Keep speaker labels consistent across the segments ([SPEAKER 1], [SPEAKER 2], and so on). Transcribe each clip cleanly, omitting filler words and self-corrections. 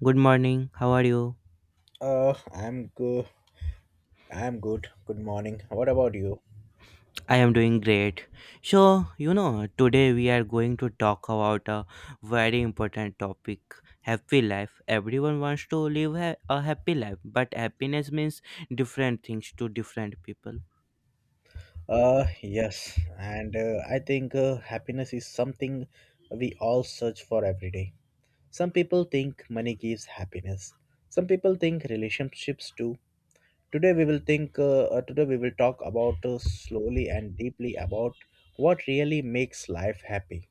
[SPEAKER 1] Good morning. How are you?
[SPEAKER 2] I'm good. I'm good. Good morning. What about you?
[SPEAKER 1] I am doing great. So, you know, today we are going to talk about a very important topic happy life. Everyone wants to live a happy life, but happiness means different things to different people.
[SPEAKER 2] Yes. And I think happiness is something we all search for every day. Some people think money gives happiness. Some people think relationships do. Today we will think. Today we will talk about slowly and deeply about what really makes life happy.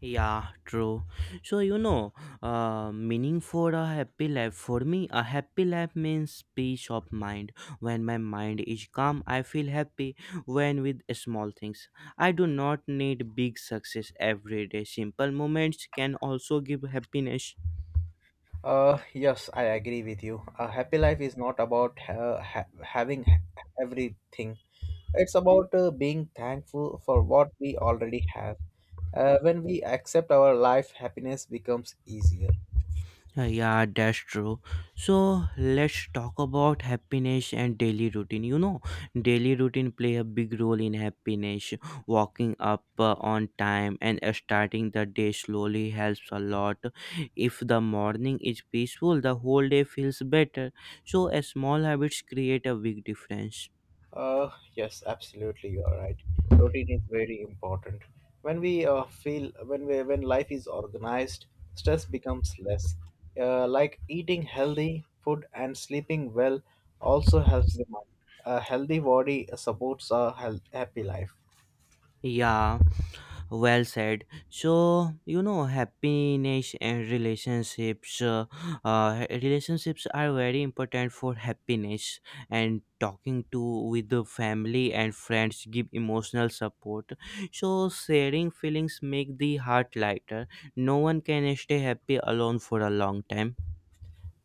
[SPEAKER 1] Yeah, true. So, you know, meaning for a happy life. For me, a happy life means peace of mind. When my mind is calm, I feel happy when with small things. I do not need big success every day. Simple moments can also give happiness.
[SPEAKER 2] Yes, I agree with you. A happy life is not about having everything. It's about being thankful for what we already have. When we accept our life, happiness becomes easier.
[SPEAKER 1] Yeah, that's true. So let's talk about happiness and daily routine. You know, daily routine play a big role in happiness. Walking up on time and starting the day slowly helps a lot. If the morning is peaceful, the whole day feels better. So a small habits create a big difference.
[SPEAKER 2] Uh, yes, absolutely, you are right. Routine is very important. When we feel when we when life is organized, stress becomes less. Like eating healthy food and sleeping well also helps the mind. A healthy body supports a health, happy life.
[SPEAKER 1] Yeah. Well said. So you know, happiness and relationships. Relationships are very important for happiness. And talking to with the family and friends give emotional support. So sharing feelings make the heart lighter. No one can stay happy alone for a long time.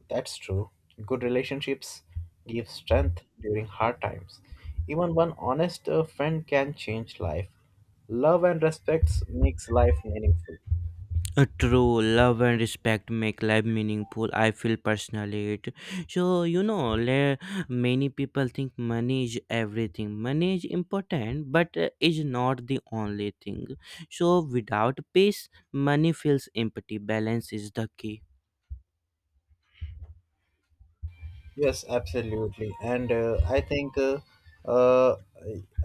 [SPEAKER 2] That's true. Good relationships give strength during hard times. Even one honest friend can change life. Love and respect makes life meaningful.
[SPEAKER 1] True love and respect make life meaningful. I feel personally it. So you know, many people think money is everything. Money is important, but is not the only thing. So without peace, money feels empty. Balance is the key.
[SPEAKER 2] Yes, absolutely. Uh,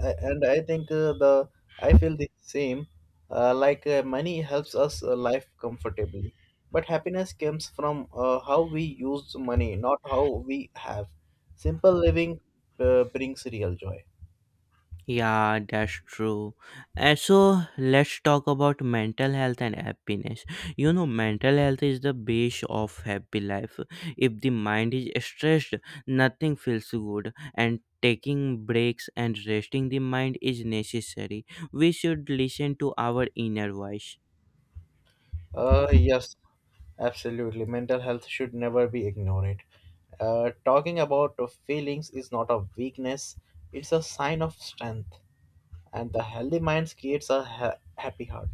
[SPEAKER 2] and I think the I feel the same. Like money helps us life comfortably, but happiness comes from how we use money, not how we have. Simple living brings real joy.
[SPEAKER 1] Yeah, that's true. And so let's talk about mental health and happiness. You know, mental health is the base of happy life. If the mind is stressed, nothing feels good, and taking breaks and resting the mind is necessary. We should listen to our inner voice.
[SPEAKER 2] Yes, absolutely. Mental health should never be ignored. Talking about the feelings is not a weakness, it's a sign of strength. And the healthy minds creates a happy heart.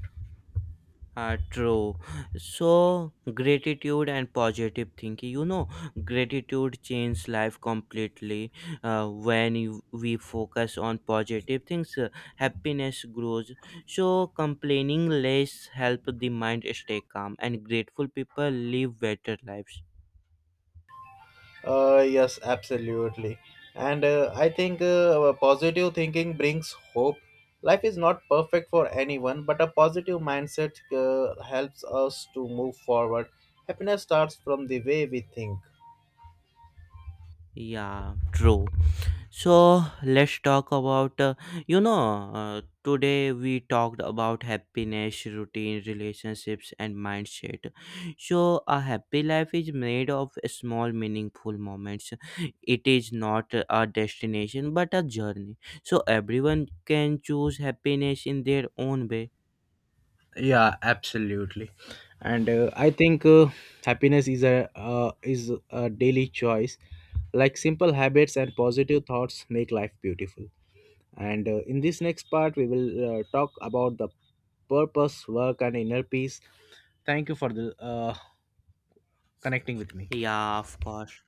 [SPEAKER 1] True. So, gratitude and positive thinking. You know, gratitude changes life completely. We focus on positive things, happiness grows. So, complaining less help the mind stay calm, and grateful people live better lives.
[SPEAKER 2] Yes, absolutely. And I think positive thinking brings hope. Life is not perfect for anyone, but a positive mindset helps us to move forward. Happiness starts from the way we think.
[SPEAKER 1] Yeah, true. So let's talk about, you know, today we talked about happiness, routine, relationships, and mindset. So, a happy life is made of small, meaningful moments. It is not a destination but a journey. So, everyone can choose happiness in their own way.
[SPEAKER 2] Yeah, absolutely. And I think happiness is a daily choice. Like simple habits and positive thoughts make life beautiful, and in this next part we will talk about the purpose, work, and inner peace. Thank you for the connecting with me.
[SPEAKER 1] Yeah, of course.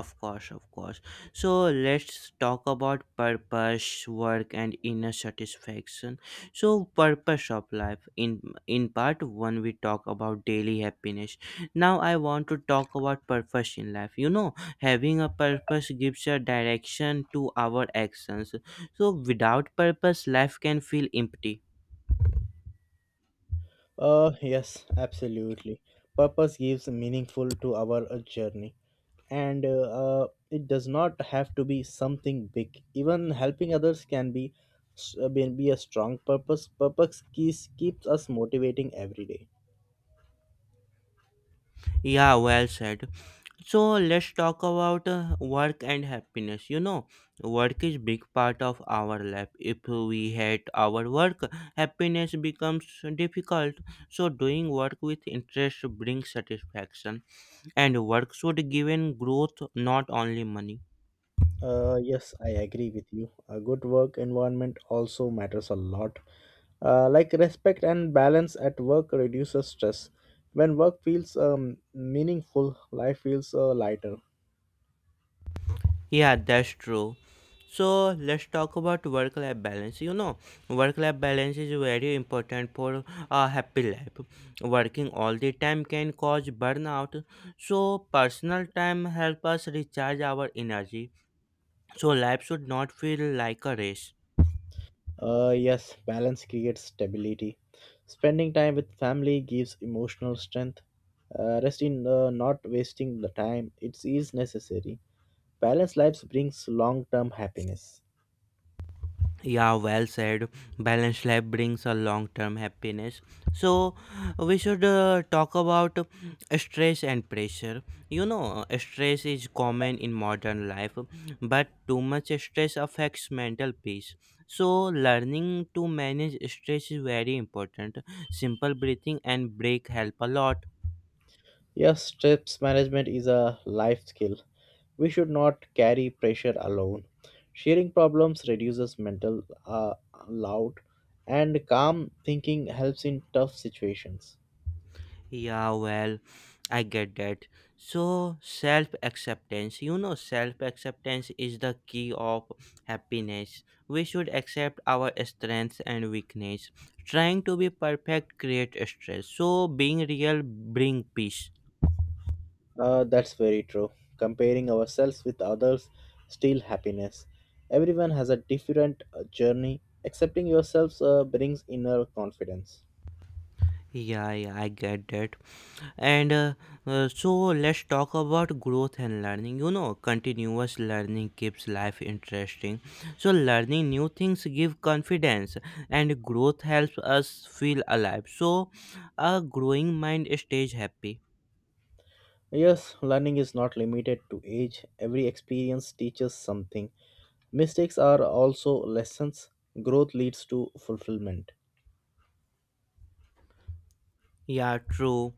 [SPEAKER 1] Of course, of course. So let's talk about purpose, work, and inner satisfaction. So, purpose of life. In part one, we talk about daily happiness. Now, I want to talk about purpose in life. You know, having a purpose gives a direction to our actions. So, without purpose, life can feel empty.
[SPEAKER 2] Yes, absolutely. Purpose gives meaningful to our journey, and it does not have to be something big. Even helping others can be be a strong purpose. Purpose keeps us motivating every day.
[SPEAKER 1] Yeah, well said. So let's talk about work and happiness. You know, work is big part of our life. If we hate our work, happiness becomes difficult. So doing work with interest brings satisfaction, and work should give in growth, not only money.
[SPEAKER 2] Yes, I agree with you. A good work environment also matters a lot. Like respect and balance at work reduces stress. When work feels meaningful, life feels lighter.
[SPEAKER 1] Yeah, that's true. So let's talk about work life balance. You know, work life balance is very important for a happy life. Working all the time can cause burnout. So personal time help us recharge our energy. So life should not feel like a race.
[SPEAKER 2] Yes, balance creates stability. Spending time with family gives emotional strength. Rest in not wasting the time, it is necessary. Balanced lives brings long term happiness.
[SPEAKER 1] Yeah, well said. Balanced life brings a long term happiness. So, we should talk about stress and pressure. You know, stress is common in modern life, but too much stress affects mental peace. So, learning to manage stress is very important. Simple breathing and break help a lot.
[SPEAKER 2] Yes, stress management is a life skill. We should not carry pressure alone. Sharing problems reduces mental loud, and calm thinking helps in tough situations.
[SPEAKER 1] Yeah, well, I get that. So, self acceptance, you know, self acceptance is the key of happiness. We should accept our strengths and weakness. Trying to be perfect creates stress. So, being real bring peace.
[SPEAKER 2] That's very true. Comparing ourselves with others steal happiness. Everyone has a different journey. Accepting yourselves brings inner confidence.
[SPEAKER 1] Yeah, yeah, I get that. And So let's talk about growth and learning. You know, continuous learning keeps life interesting. So learning new things give confidence, and growth helps us feel alive. So a growing mind stays happy.
[SPEAKER 2] Yes, learning is not limited to age. Every experience teaches something. Mistakes are also lessons. Growth leads to fulfillment.
[SPEAKER 1] Yeah, true.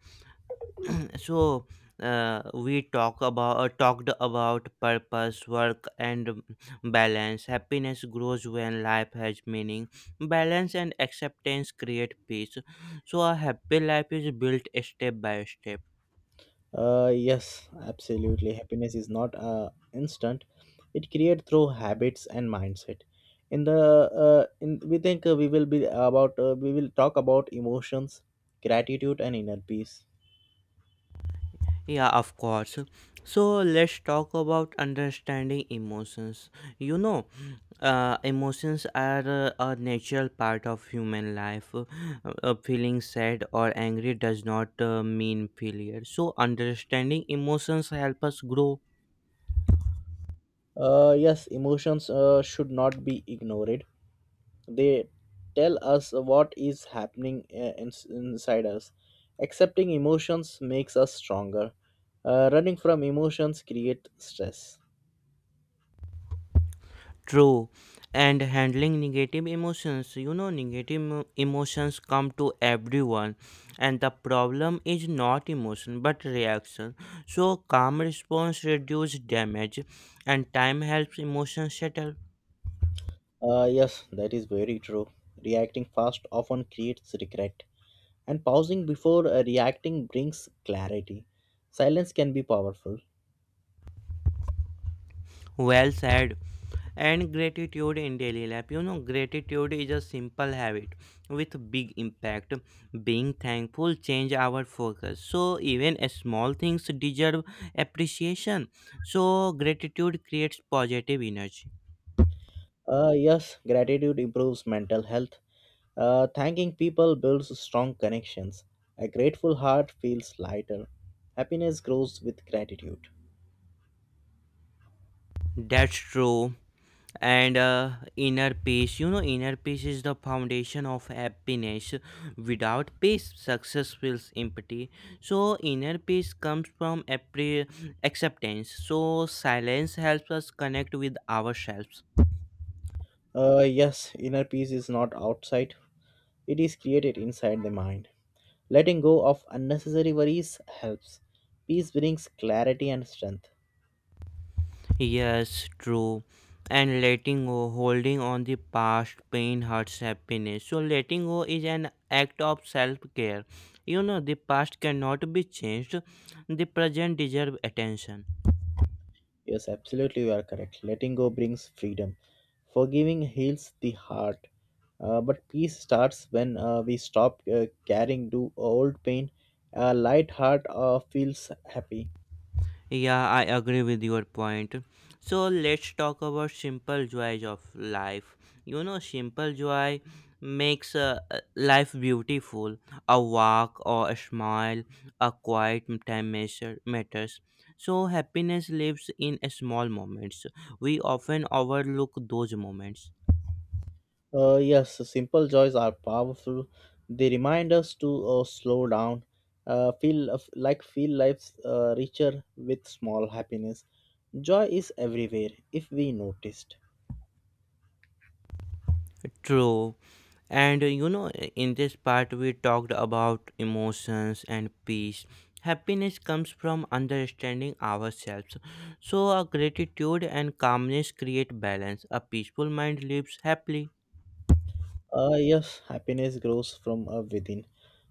[SPEAKER 1] So we talk about talked about purpose work and balance happiness grows when life has meaning balance and acceptance create peace so a happy life is built step by step.
[SPEAKER 2] Yes, absolutely. Happiness is not instant. It created through habits and mindset. In the in we think we will be about We will talk about emotions, gratitude, and inner peace.
[SPEAKER 1] Yeah, of course. So let's talk about understanding emotions. You know, emotions are a natural part of human life. Feeling sad or angry does not mean failure. So understanding emotions help us grow.
[SPEAKER 2] Yes, emotions should not be ignored. They tell us what is happening inside us. Accepting emotions makes us stronger. Running from emotions create stress.
[SPEAKER 1] True. And handling negative emotions, you know, emotions come to everyone, and the problem is not emotion but reaction. So, calm response reduce damage, and time helps emotions settle.
[SPEAKER 2] Yes, that is very true. Reacting fast often creates regret, and pausing before reacting brings clarity. Silence can be powerful.
[SPEAKER 1] Well said. And gratitude in daily life. You know, gratitude is a simple habit with big impact. Being thankful change our focus. So even a small things deserve appreciation. So gratitude creates positive energy.
[SPEAKER 2] Yes, gratitude improves mental health. Thanking people builds strong connections. A grateful heart feels lighter. Happiness grows with gratitude.
[SPEAKER 1] That's true. And inner peace, you know, inner peace is the foundation of happiness. Without peace success feels empty, so inner peace comes from acceptance. So silence helps us connect with ourselves.
[SPEAKER 2] Yes, inner peace is not outside, it is created inside the mind. Letting go of unnecessary worries helps. Peace brings clarity and strength.
[SPEAKER 1] Yes, true. And letting go, holding on the past pain hurts happiness, so letting go is an act of self-care. You know, the past cannot be changed, the present deserves attention.
[SPEAKER 2] Yes, absolutely, you are correct. Letting go brings freedom. Forgiving heals the heart. But peace starts when we stop carrying to old pain. A light heart feels happy.
[SPEAKER 1] Yeah, I agree with your point. So let's talk about simple joys of life. You know, simple joy makes life beautiful. A walk or a smile, a quiet time measure matters. So happiness lives in small moments. We often overlook those moments.
[SPEAKER 2] Yes, simple joys are powerful. They remind us to slow down, feel of- like feel life richer with small happiness. Joy is everywhere if we noticed.
[SPEAKER 1] True. And you know, in this part, we talked about emotions and peace. Happiness comes from understanding ourselves. So, gratitude and calmness create balance. A peaceful mind lives happily.
[SPEAKER 2] Yes, happiness grows from within.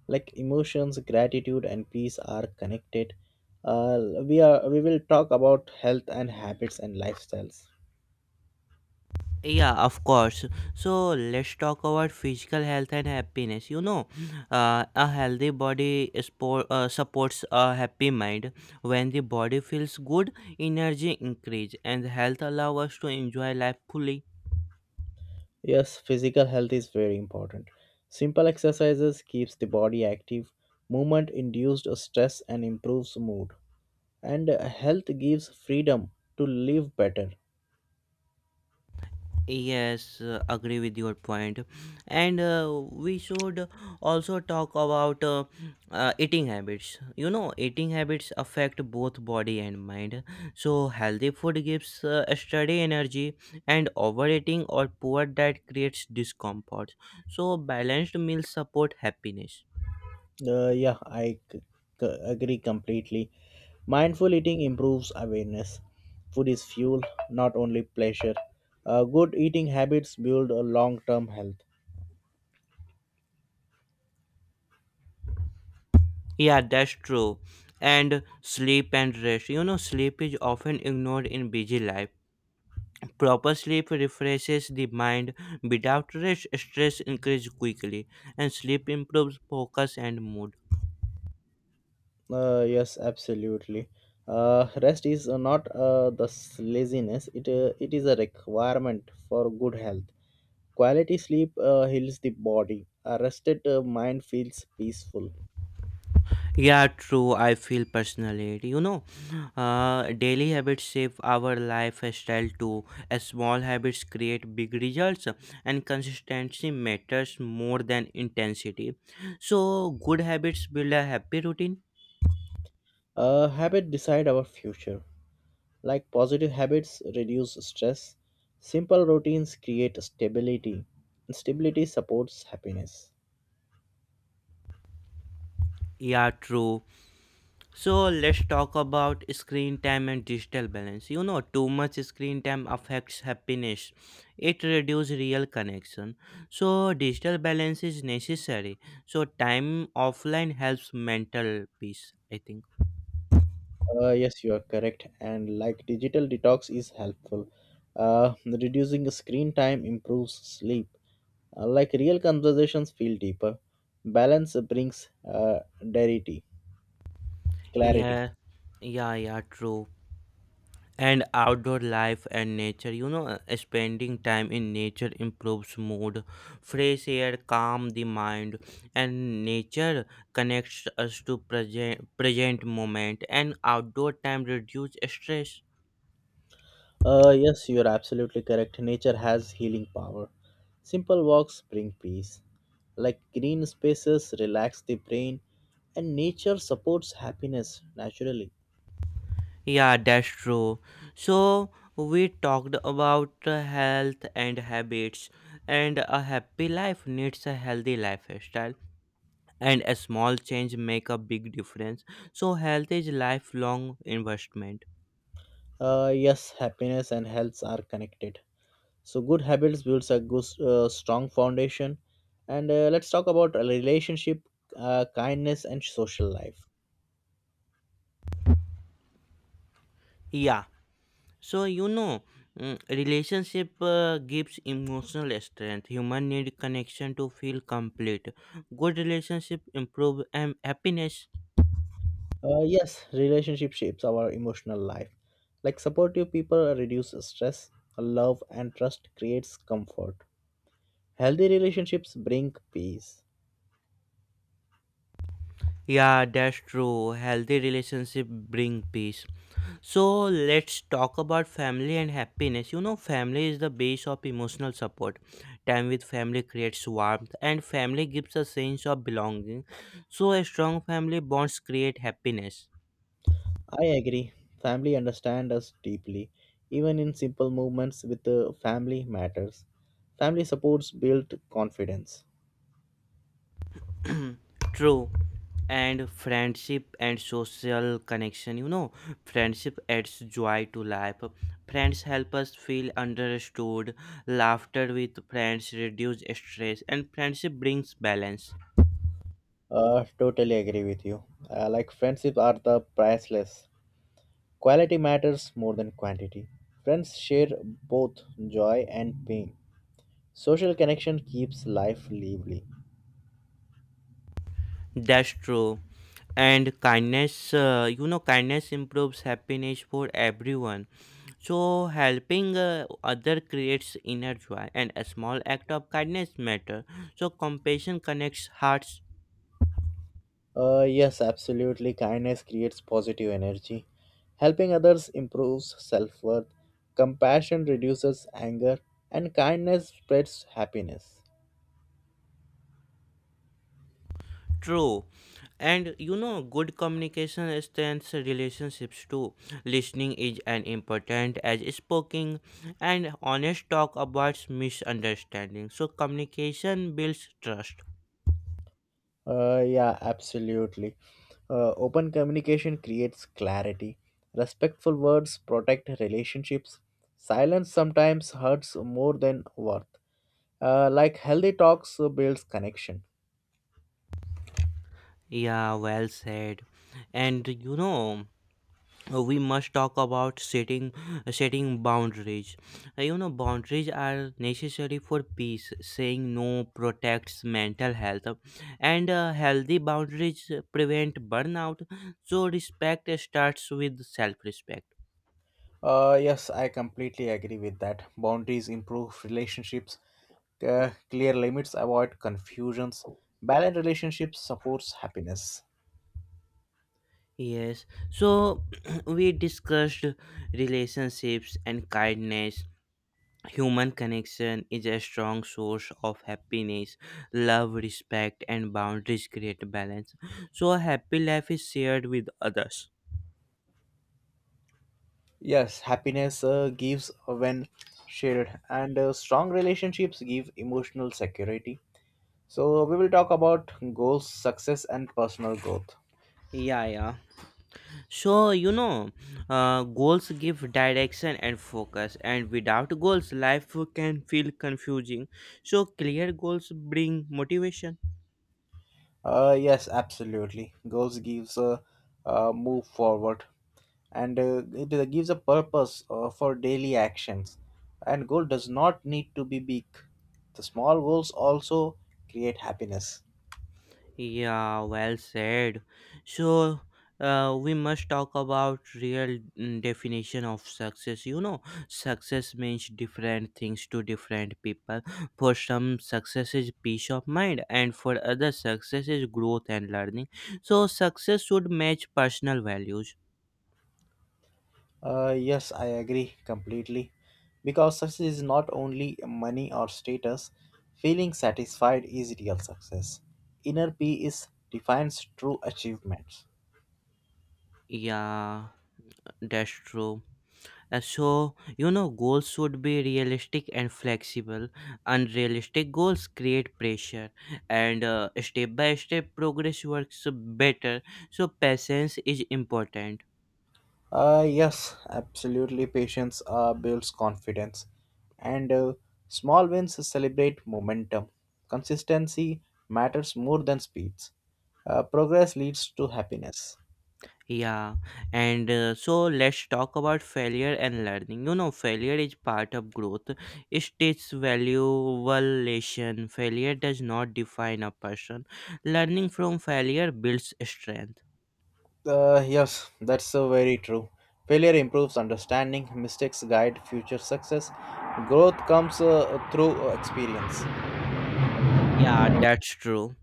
[SPEAKER 2] Like emotions, gratitude, and peace are connected. We will talk about health and habits and lifestyles.
[SPEAKER 1] Yeah, of course. So, let's talk about physical health and happiness. You know, a healthy body sport, supports a happy mind. When the body feels good, energy increase and health allows us to enjoy life fully.
[SPEAKER 2] Yes, physical health is very important. Simple exercises keeps the body active. Movement induced stress and improves mood. And health gives freedom to live better.
[SPEAKER 1] Yes, agree with your point. And we should also talk about eating habits. You know, eating habits affect both body and mind. So, healthy food gives steady energy, and overeating or poor diet creates discomfort. So, balanced meals support happiness.
[SPEAKER 2] Yeah, I agree completely. Mindful eating improves awareness. Food is fuel, not only pleasure. Good eating habits build a long-term health.
[SPEAKER 1] Yeah, that's true. And sleep and rest. You know, sleep is often ignored in busy life. Proper sleep refreshes the mind. Without rest, stress increases quickly, and sleep improves focus and mood.
[SPEAKER 2] Yes, absolutely. Rest is not laziness; it is a requirement for good health. Quality sleep heals the body. A rested mind feels peaceful.
[SPEAKER 1] Yeah, true. I feel personally, it. You know, daily habits shape our lifestyle too. As small habits create big results, and consistency matters more than intensity. So, good habits build a happy routine.
[SPEAKER 2] Habit decide our future. Like positive habits reduce stress, simple routines create stability, and stability supports happiness.
[SPEAKER 1] Yeah, true. So let's talk about screen time and digital balance. You know, too much screen time affects happiness. It reduces real connection. So digital balance is necessary. So time offline helps mental peace, I think.
[SPEAKER 2] Yes, you are correct. And like digital detox is helpful. Reducing screen time improves sleep. Like real conversations feel deeper. Balance brings clarity. Clarity.
[SPEAKER 1] Yeah. Yeah, yeah, true. And outdoor life and nature, you know, spending time in nature improves mood. Fresh air calm the mind, and nature connects us to present moment, and outdoor time reduce stress.
[SPEAKER 2] Yes, you're absolutely correct. Nature has healing power. Simple walks bring peace. Like green spaces relax the brain, and nature supports happiness naturally.
[SPEAKER 1] Yeah, that's true. So we talked about health and habits, and a happy life needs a healthy lifestyle, and a small change make a big difference, so health is lifelong investment.
[SPEAKER 2] Yes, happiness and health are connected. So good habits builds a good, strong foundation. And Let's talk about a relationship, kindness, and social life.
[SPEAKER 1] Yeah. So you know, relationship gives emotional strength. Human need connection to feel complete. Good relationship improve happiness.
[SPEAKER 2] Yes, relationship shapes our emotional life. Like supportive people reduce stress, love and trust creates comfort. Healthy relationships bring peace.
[SPEAKER 1] Yeah, that's true. Healthy relationship bring peace. So let's talk about family and happiness. You know, family is the base of emotional support. Time with family creates warmth, and family gives a sense of belonging. So a strong family bonds create happiness.
[SPEAKER 2] I agree. Family understand us deeply, even in simple movements with the family matters. Family supports build confidence.
[SPEAKER 1] True. And friendship and social connection, you know, friendship adds joy to life. Friends help us feel understood. Laughter with friends reduce stress, and friendship brings balance.
[SPEAKER 2] Totally agree with you. Like friendships are the priceless. Quality matters more than quantity. Friends share both joy and pain. Social connection keeps life lively.
[SPEAKER 1] That's true. And kindness, you know, kindness improves happiness for everyone. So helping other creates inner joy, and a small act of kindness matter. So compassion connects hearts.
[SPEAKER 2] Yes, absolutely. Kindness creates positive energy. Helping others improves self worth. Compassion reduces anger. And kindness spreads happiness.
[SPEAKER 1] True. And you know, good communication strengthens relationships too. Listening is as important as speaking, and honest talk avoids misunderstanding. So, communication builds trust.
[SPEAKER 2] Yeah, absolutely. Open communication creates clarity. Respectful words protect relationships. Silence sometimes hurts more than worth. Like healthy talks builds connection.
[SPEAKER 1] Yeah, well said. And you know, we must talk about setting boundaries. You know, boundaries are necessary for peace. Saying no protects mental health, and healthy boundaries prevent burnout, so respect starts with self respect.
[SPEAKER 2] Yes, I completely agree with that. Boundaries improve relationships, clear limits avoid confusions, balanced relationships supports happiness.
[SPEAKER 1] Yes, so we discussed relationships and kindness. Human connection is a strong source of happiness. Love, respect, and boundaries create balance. So, a happy life is shared with others.
[SPEAKER 2] Yes, happiness gives when shared, and strong relationships give emotional security. So, we will talk about goals, success, and personal growth.
[SPEAKER 1] Yeah, yeah. So, you know, goals give direction and focus, and without goals, life can feel confusing. So, clear goals bring motivation.
[SPEAKER 2] Yes, absolutely. Goals gives a, move forward, and it gives a purpose for daily actions. And goal does not need to be big. The small goals also create happiness.
[SPEAKER 1] Yeah, well said. So, we must talk about real definition of success. You know, success means different things to different people. For some, success is peace of mind, and for others, success is growth and learning. So, success should match personal values.
[SPEAKER 2] Yes, I agree completely. Because success is not only money or status, feeling satisfied is real success. Inner peace defines true achievements.
[SPEAKER 1] Yeah, that's true. So, you know, goals should be realistic and flexible. Unrealistic goals create pressure, and step by step progress works better. So, patience is important.
[SPEAKER 2] Yes, absolutely. Patience builds confidence, and small wins celebrate momentum. Consistency matters more than speeds. Progress leads to happiness.
[SPEAKER 1] Yeah, and so let's talk about failure and learning. You know, failure is part of growth, it teaches valuable lesson. Failure does not define a person. Learning from failure builds strength.
[SPEAKER 2] Yes, that's so very true. Failure improves understanding, mistakes guide future success, growth comes through experience.
[SPEAKER 1] Yeah, that's true.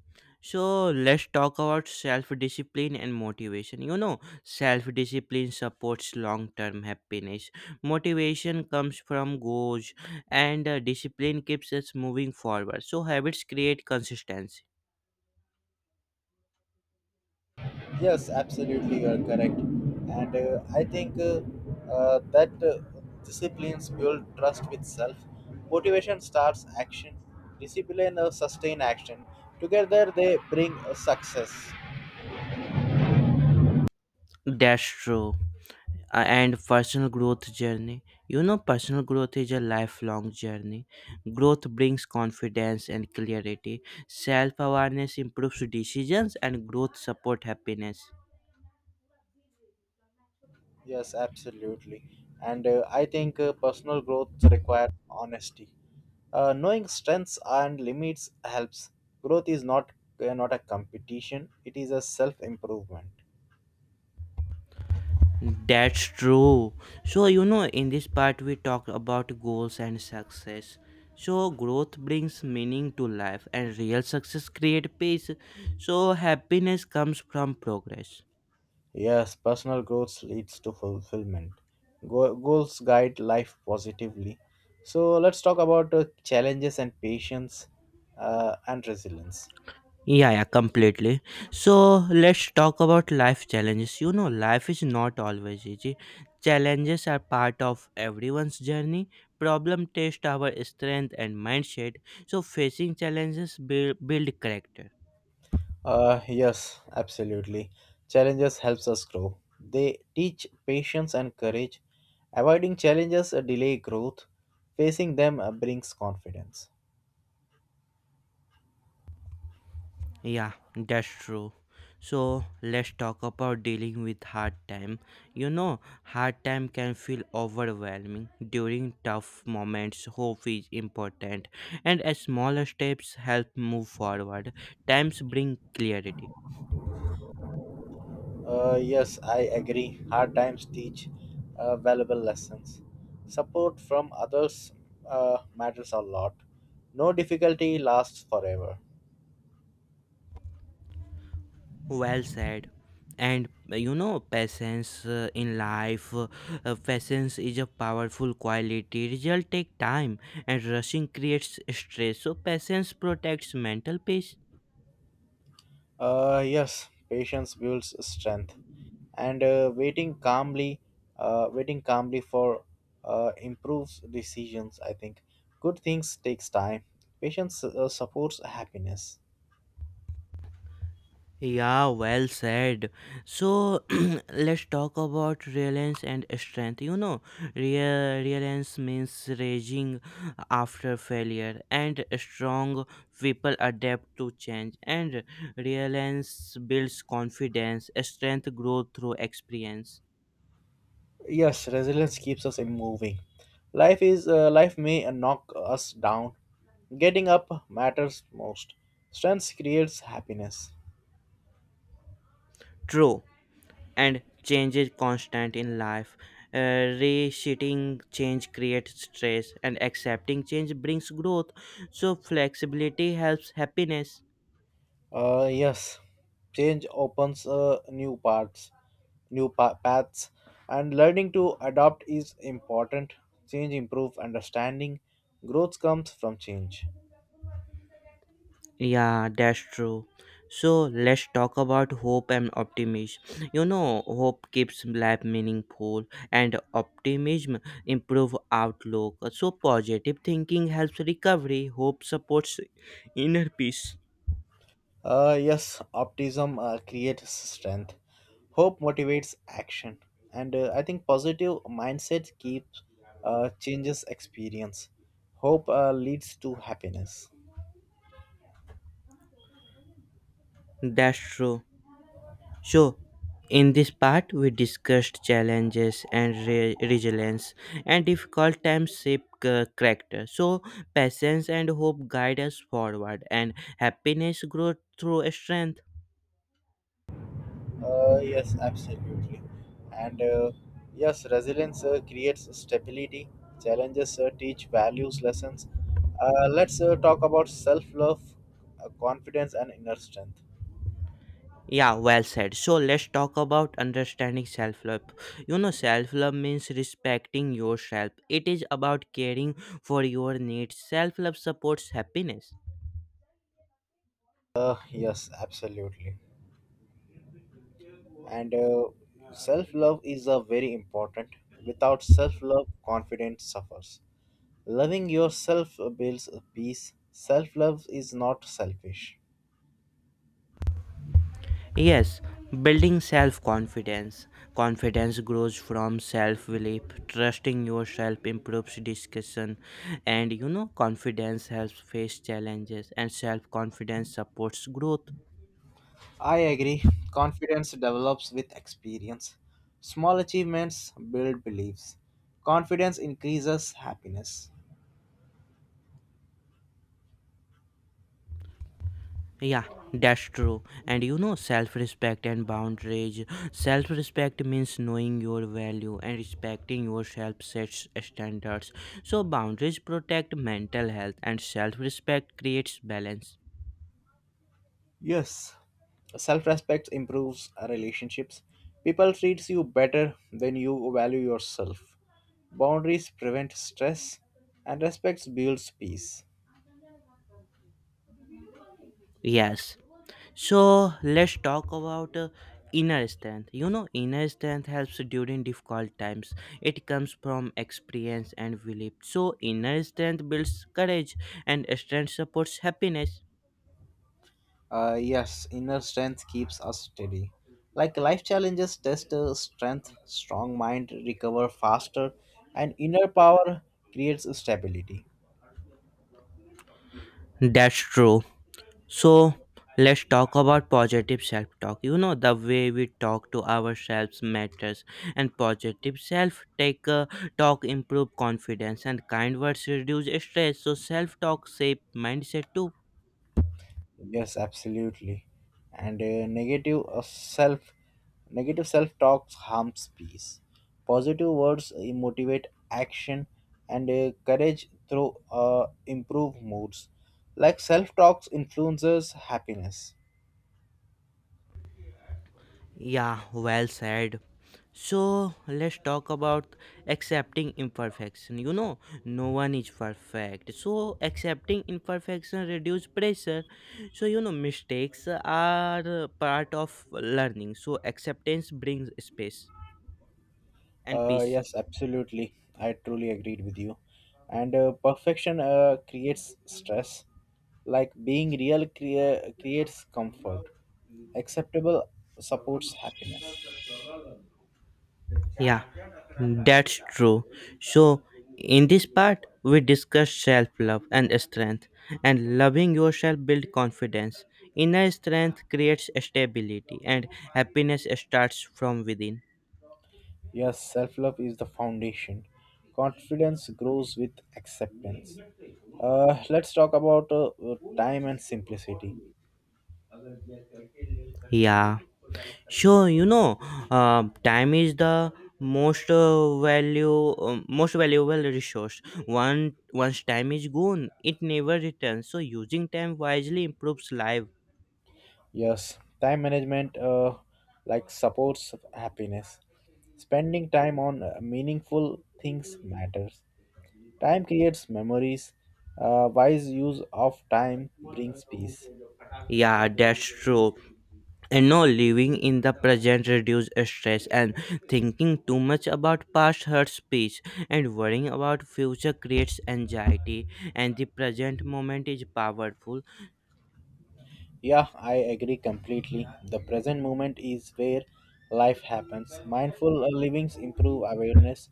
[SPEAKER 1] So let's talk about self discipline and motivation. You know, self discipline supports long term happiness. Motivation comes from goals, and discipline keeps us moving forward. So, habits create consistency.
[SPEAKER 2] Yes, absolutely, you are correct. And I think that Disciplines build trust with self. Motivation starts action, discipline sustain action. Together, they bring success.
[SPEAKER 1] That's true. And personal growth journey. You know personal growth is a lifelong journey. Growth brings confidence and clarity. Self-awareness improves decisions and growth support happiness.
[SPEAKER 2] Yes, absolutely. And I think personal growth requires honesty. Knowing strengths and limits helps. Growth is not not a competition; it is a self improvement.
[SPEAKER 1] That's true. So you know in this part we talked about goals and success. So growth brings meaning to life and real success create peace. So happiness comes from progress.
[SPEAKER 2] Yes, personal growth leads to fulfillment. Goals guide life positively. So let's talk about challenges and patience and resilience.
[SPEAKER 1] Yeah, completely. So let's talk about life challenges. You know, life is not always easy. Challenges are part of everyone's journey. Problem test our strength and mindset. So facing challenges build character.
[SPEAKER 2] Yes, absolutely. Challenges helps us grow. They teach patience and courage. Avoiding challenges delay growth. Facing them brings confidence.
[SPEAKER 1] Yeah, that's true. So let's talk about dealing with hard time. You know, hard time can feel overwhelming. During tough moments, hope is important, and as smaller steps help move forward, times bring clarity.
[SPEAKER 2] Yes, I agree. Hard times teach valuable lessons. Support from others matters a lot. No difficulty lasts forever.
[SPEAKER 1] Well said. And You know, patience is a powerful quality. Result take time, and rushing creates stress. So patience protects mental peace.
[SPEAKER 2] Yes, patience builds strength, and waiting calmly for improves decisions. I think good things takes time. Patience supports happiness.
[SPEAKER 1] Yeah, well said. So let's talk about reliance and strength. You know, re- reliance means raging after failure, and strong people adapt to change. And reliance builds confidence. Strength grows through experience.
[SPEAKER 2] Yes, resilience keeps us in moving. Life may knock us down. Getting up matters most. Strength creates happiness.
[SPEAKER 1] True, and change is constant in life. Reshitting change creates stress, and accepting change brings growth. So flexibility helps happiness.
[SPEAKER 2] Yes, change opens new paths, and learning to adapt is important. Change improves understanding. Growth comes from change.
[SPEAKER 1] Yeah, that's true. So let's talk about hope and optimism. You know, hope keeps life meaningful and optimism improve outlook. So positive thinking helps recovery, hope supports inner peace.
[SPEAKER 2] Yes, optimism creates strength. Hope motivates action, and I think positive mindset keeps changes experience. Hope leads to happiness.
[SPEAKER 1] That's true. So in this part we discussed challenges and resilience, and difficult times shape character. So patience and hope guide us forward and happiness grows through strength.
[SPEAKER 2] Yes, absolutely, and yes, resilience creates stability. Challenges teach values lessons. Let's talk about self love, confidence, and inner strength.
[SPEAKER 1] Yeah, well said. So let's talk about understanding self love. You know, self love means respecting yourself, it is about caring for your needs. Self love supports happiness.
[SPEAKER 2] Yes, absolutely. And Self-love is a very important. Without self-love, confidence suffers. Loving yourself builds peace. Self-love is not selfish.
[SPEAKER 1] Yes, building self confidence. Confidence grows from self belief. Trusting yourself improves discussion. And you know, confidence helps face challenges, and self confidence supports growth.
[SPEAKER 2] I agree. Confidence develops with experience. Small achievements build beliefs. Confidence increases happiness.
[SPEAKER 1] Yeah, that's true. And you know, self respect and boundaries. Self respect means knowing your value and respecting yourself sets standards. So, boundaries protect mental health, and self respect creates balance.
[SPEAKER 2] Yes, self respect improves relationships. People treats you better when you value yourself. Boundaries prevent stress, and respect builds peace.
[SPEAKER 1] Yes. So, let's talk about inner strength. You know, inner strength helps during difficult times. It comes from experience and belief. So, inner strength builds courage, and strength supports happiness.
[SPEAKER 2] Yes, inner strength keeps us steady. Like life challenges test strength, strong mind recover faster, and inner power creates stability.
[SPEAKER 1] That's true. So let's talk about positive self talk. You know, the way we talk to ourselves matters, and positive self take talk improve confidence, and kind words reduce stress. So self talk shape mindset too.
[SPEAKER 2] Yes, absolutely. And negative self talk harms peace. Positive words motivate action and courage through improve moods. Like self talks influences happiness.
[SPEAKER 1] Yeah, well said. So let's talk about accepting imperfection. You know, no one is perfect. So accepting imperfection reduce pressure. So you know, mistakes are part of learning. So acceptance brings space and
[SPEAKER 2] Uh,
[SPEAKER 1] peace.
[SPEAKER 2] yes, absolutely. I truly agreed with you. And perfection creates stress. Like being real creates comfort. Acceptable supports happiness.
[SPEAKER 1] Yeah, that's true. So, in this part, we discussed self love and strength, and loving yourself builds confidence. Inner strength creates stability, and happiness starts from within.
[SPEAKER 2] Yes, self love is the foundation. Confidence grows with acceptance. Let's talk about time and simplicity.
[SPEAKER 1] Yeah, so you know, time is the most valuable resource. One once time is gone it never returns, so using time wisely improves life.
[SPEAKER 2] Yes, time management like supports happiness. Spending time on meaningful things matters. Time creates memories. Wise use of time brings peace.
[SPEAKER 1] Yeah, that's true. And no living in the present reduce stress, and thinking too much about past hurts peace, and worrying about future creates anxiety, and the present moment is powerful.
[SPEAKER 2] Yeah, I agree completely. The present moment is where life happens. Mindful livings improve awareness.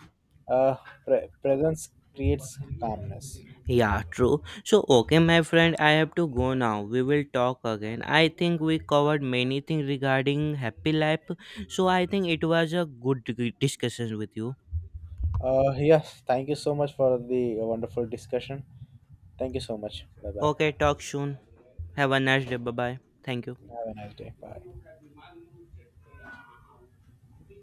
[SPEAKER 2] Uh, Presence creates calmness.
[SPEAKER 1] Yeah, true. So okay my friend, I have to go now, we will talk again. I think we covered many things regarding happy life, so I think it was a good discussion with you.
[SPEAKER 2] Yes, thank you so much for the wonderful discussion. Thank you so much. Bye bye.
[SPEAKER 1] Okay, talk soon. Have a nice day. Bye bye. Thank you.
[SPEAKER 2] Have a nice day. Bye.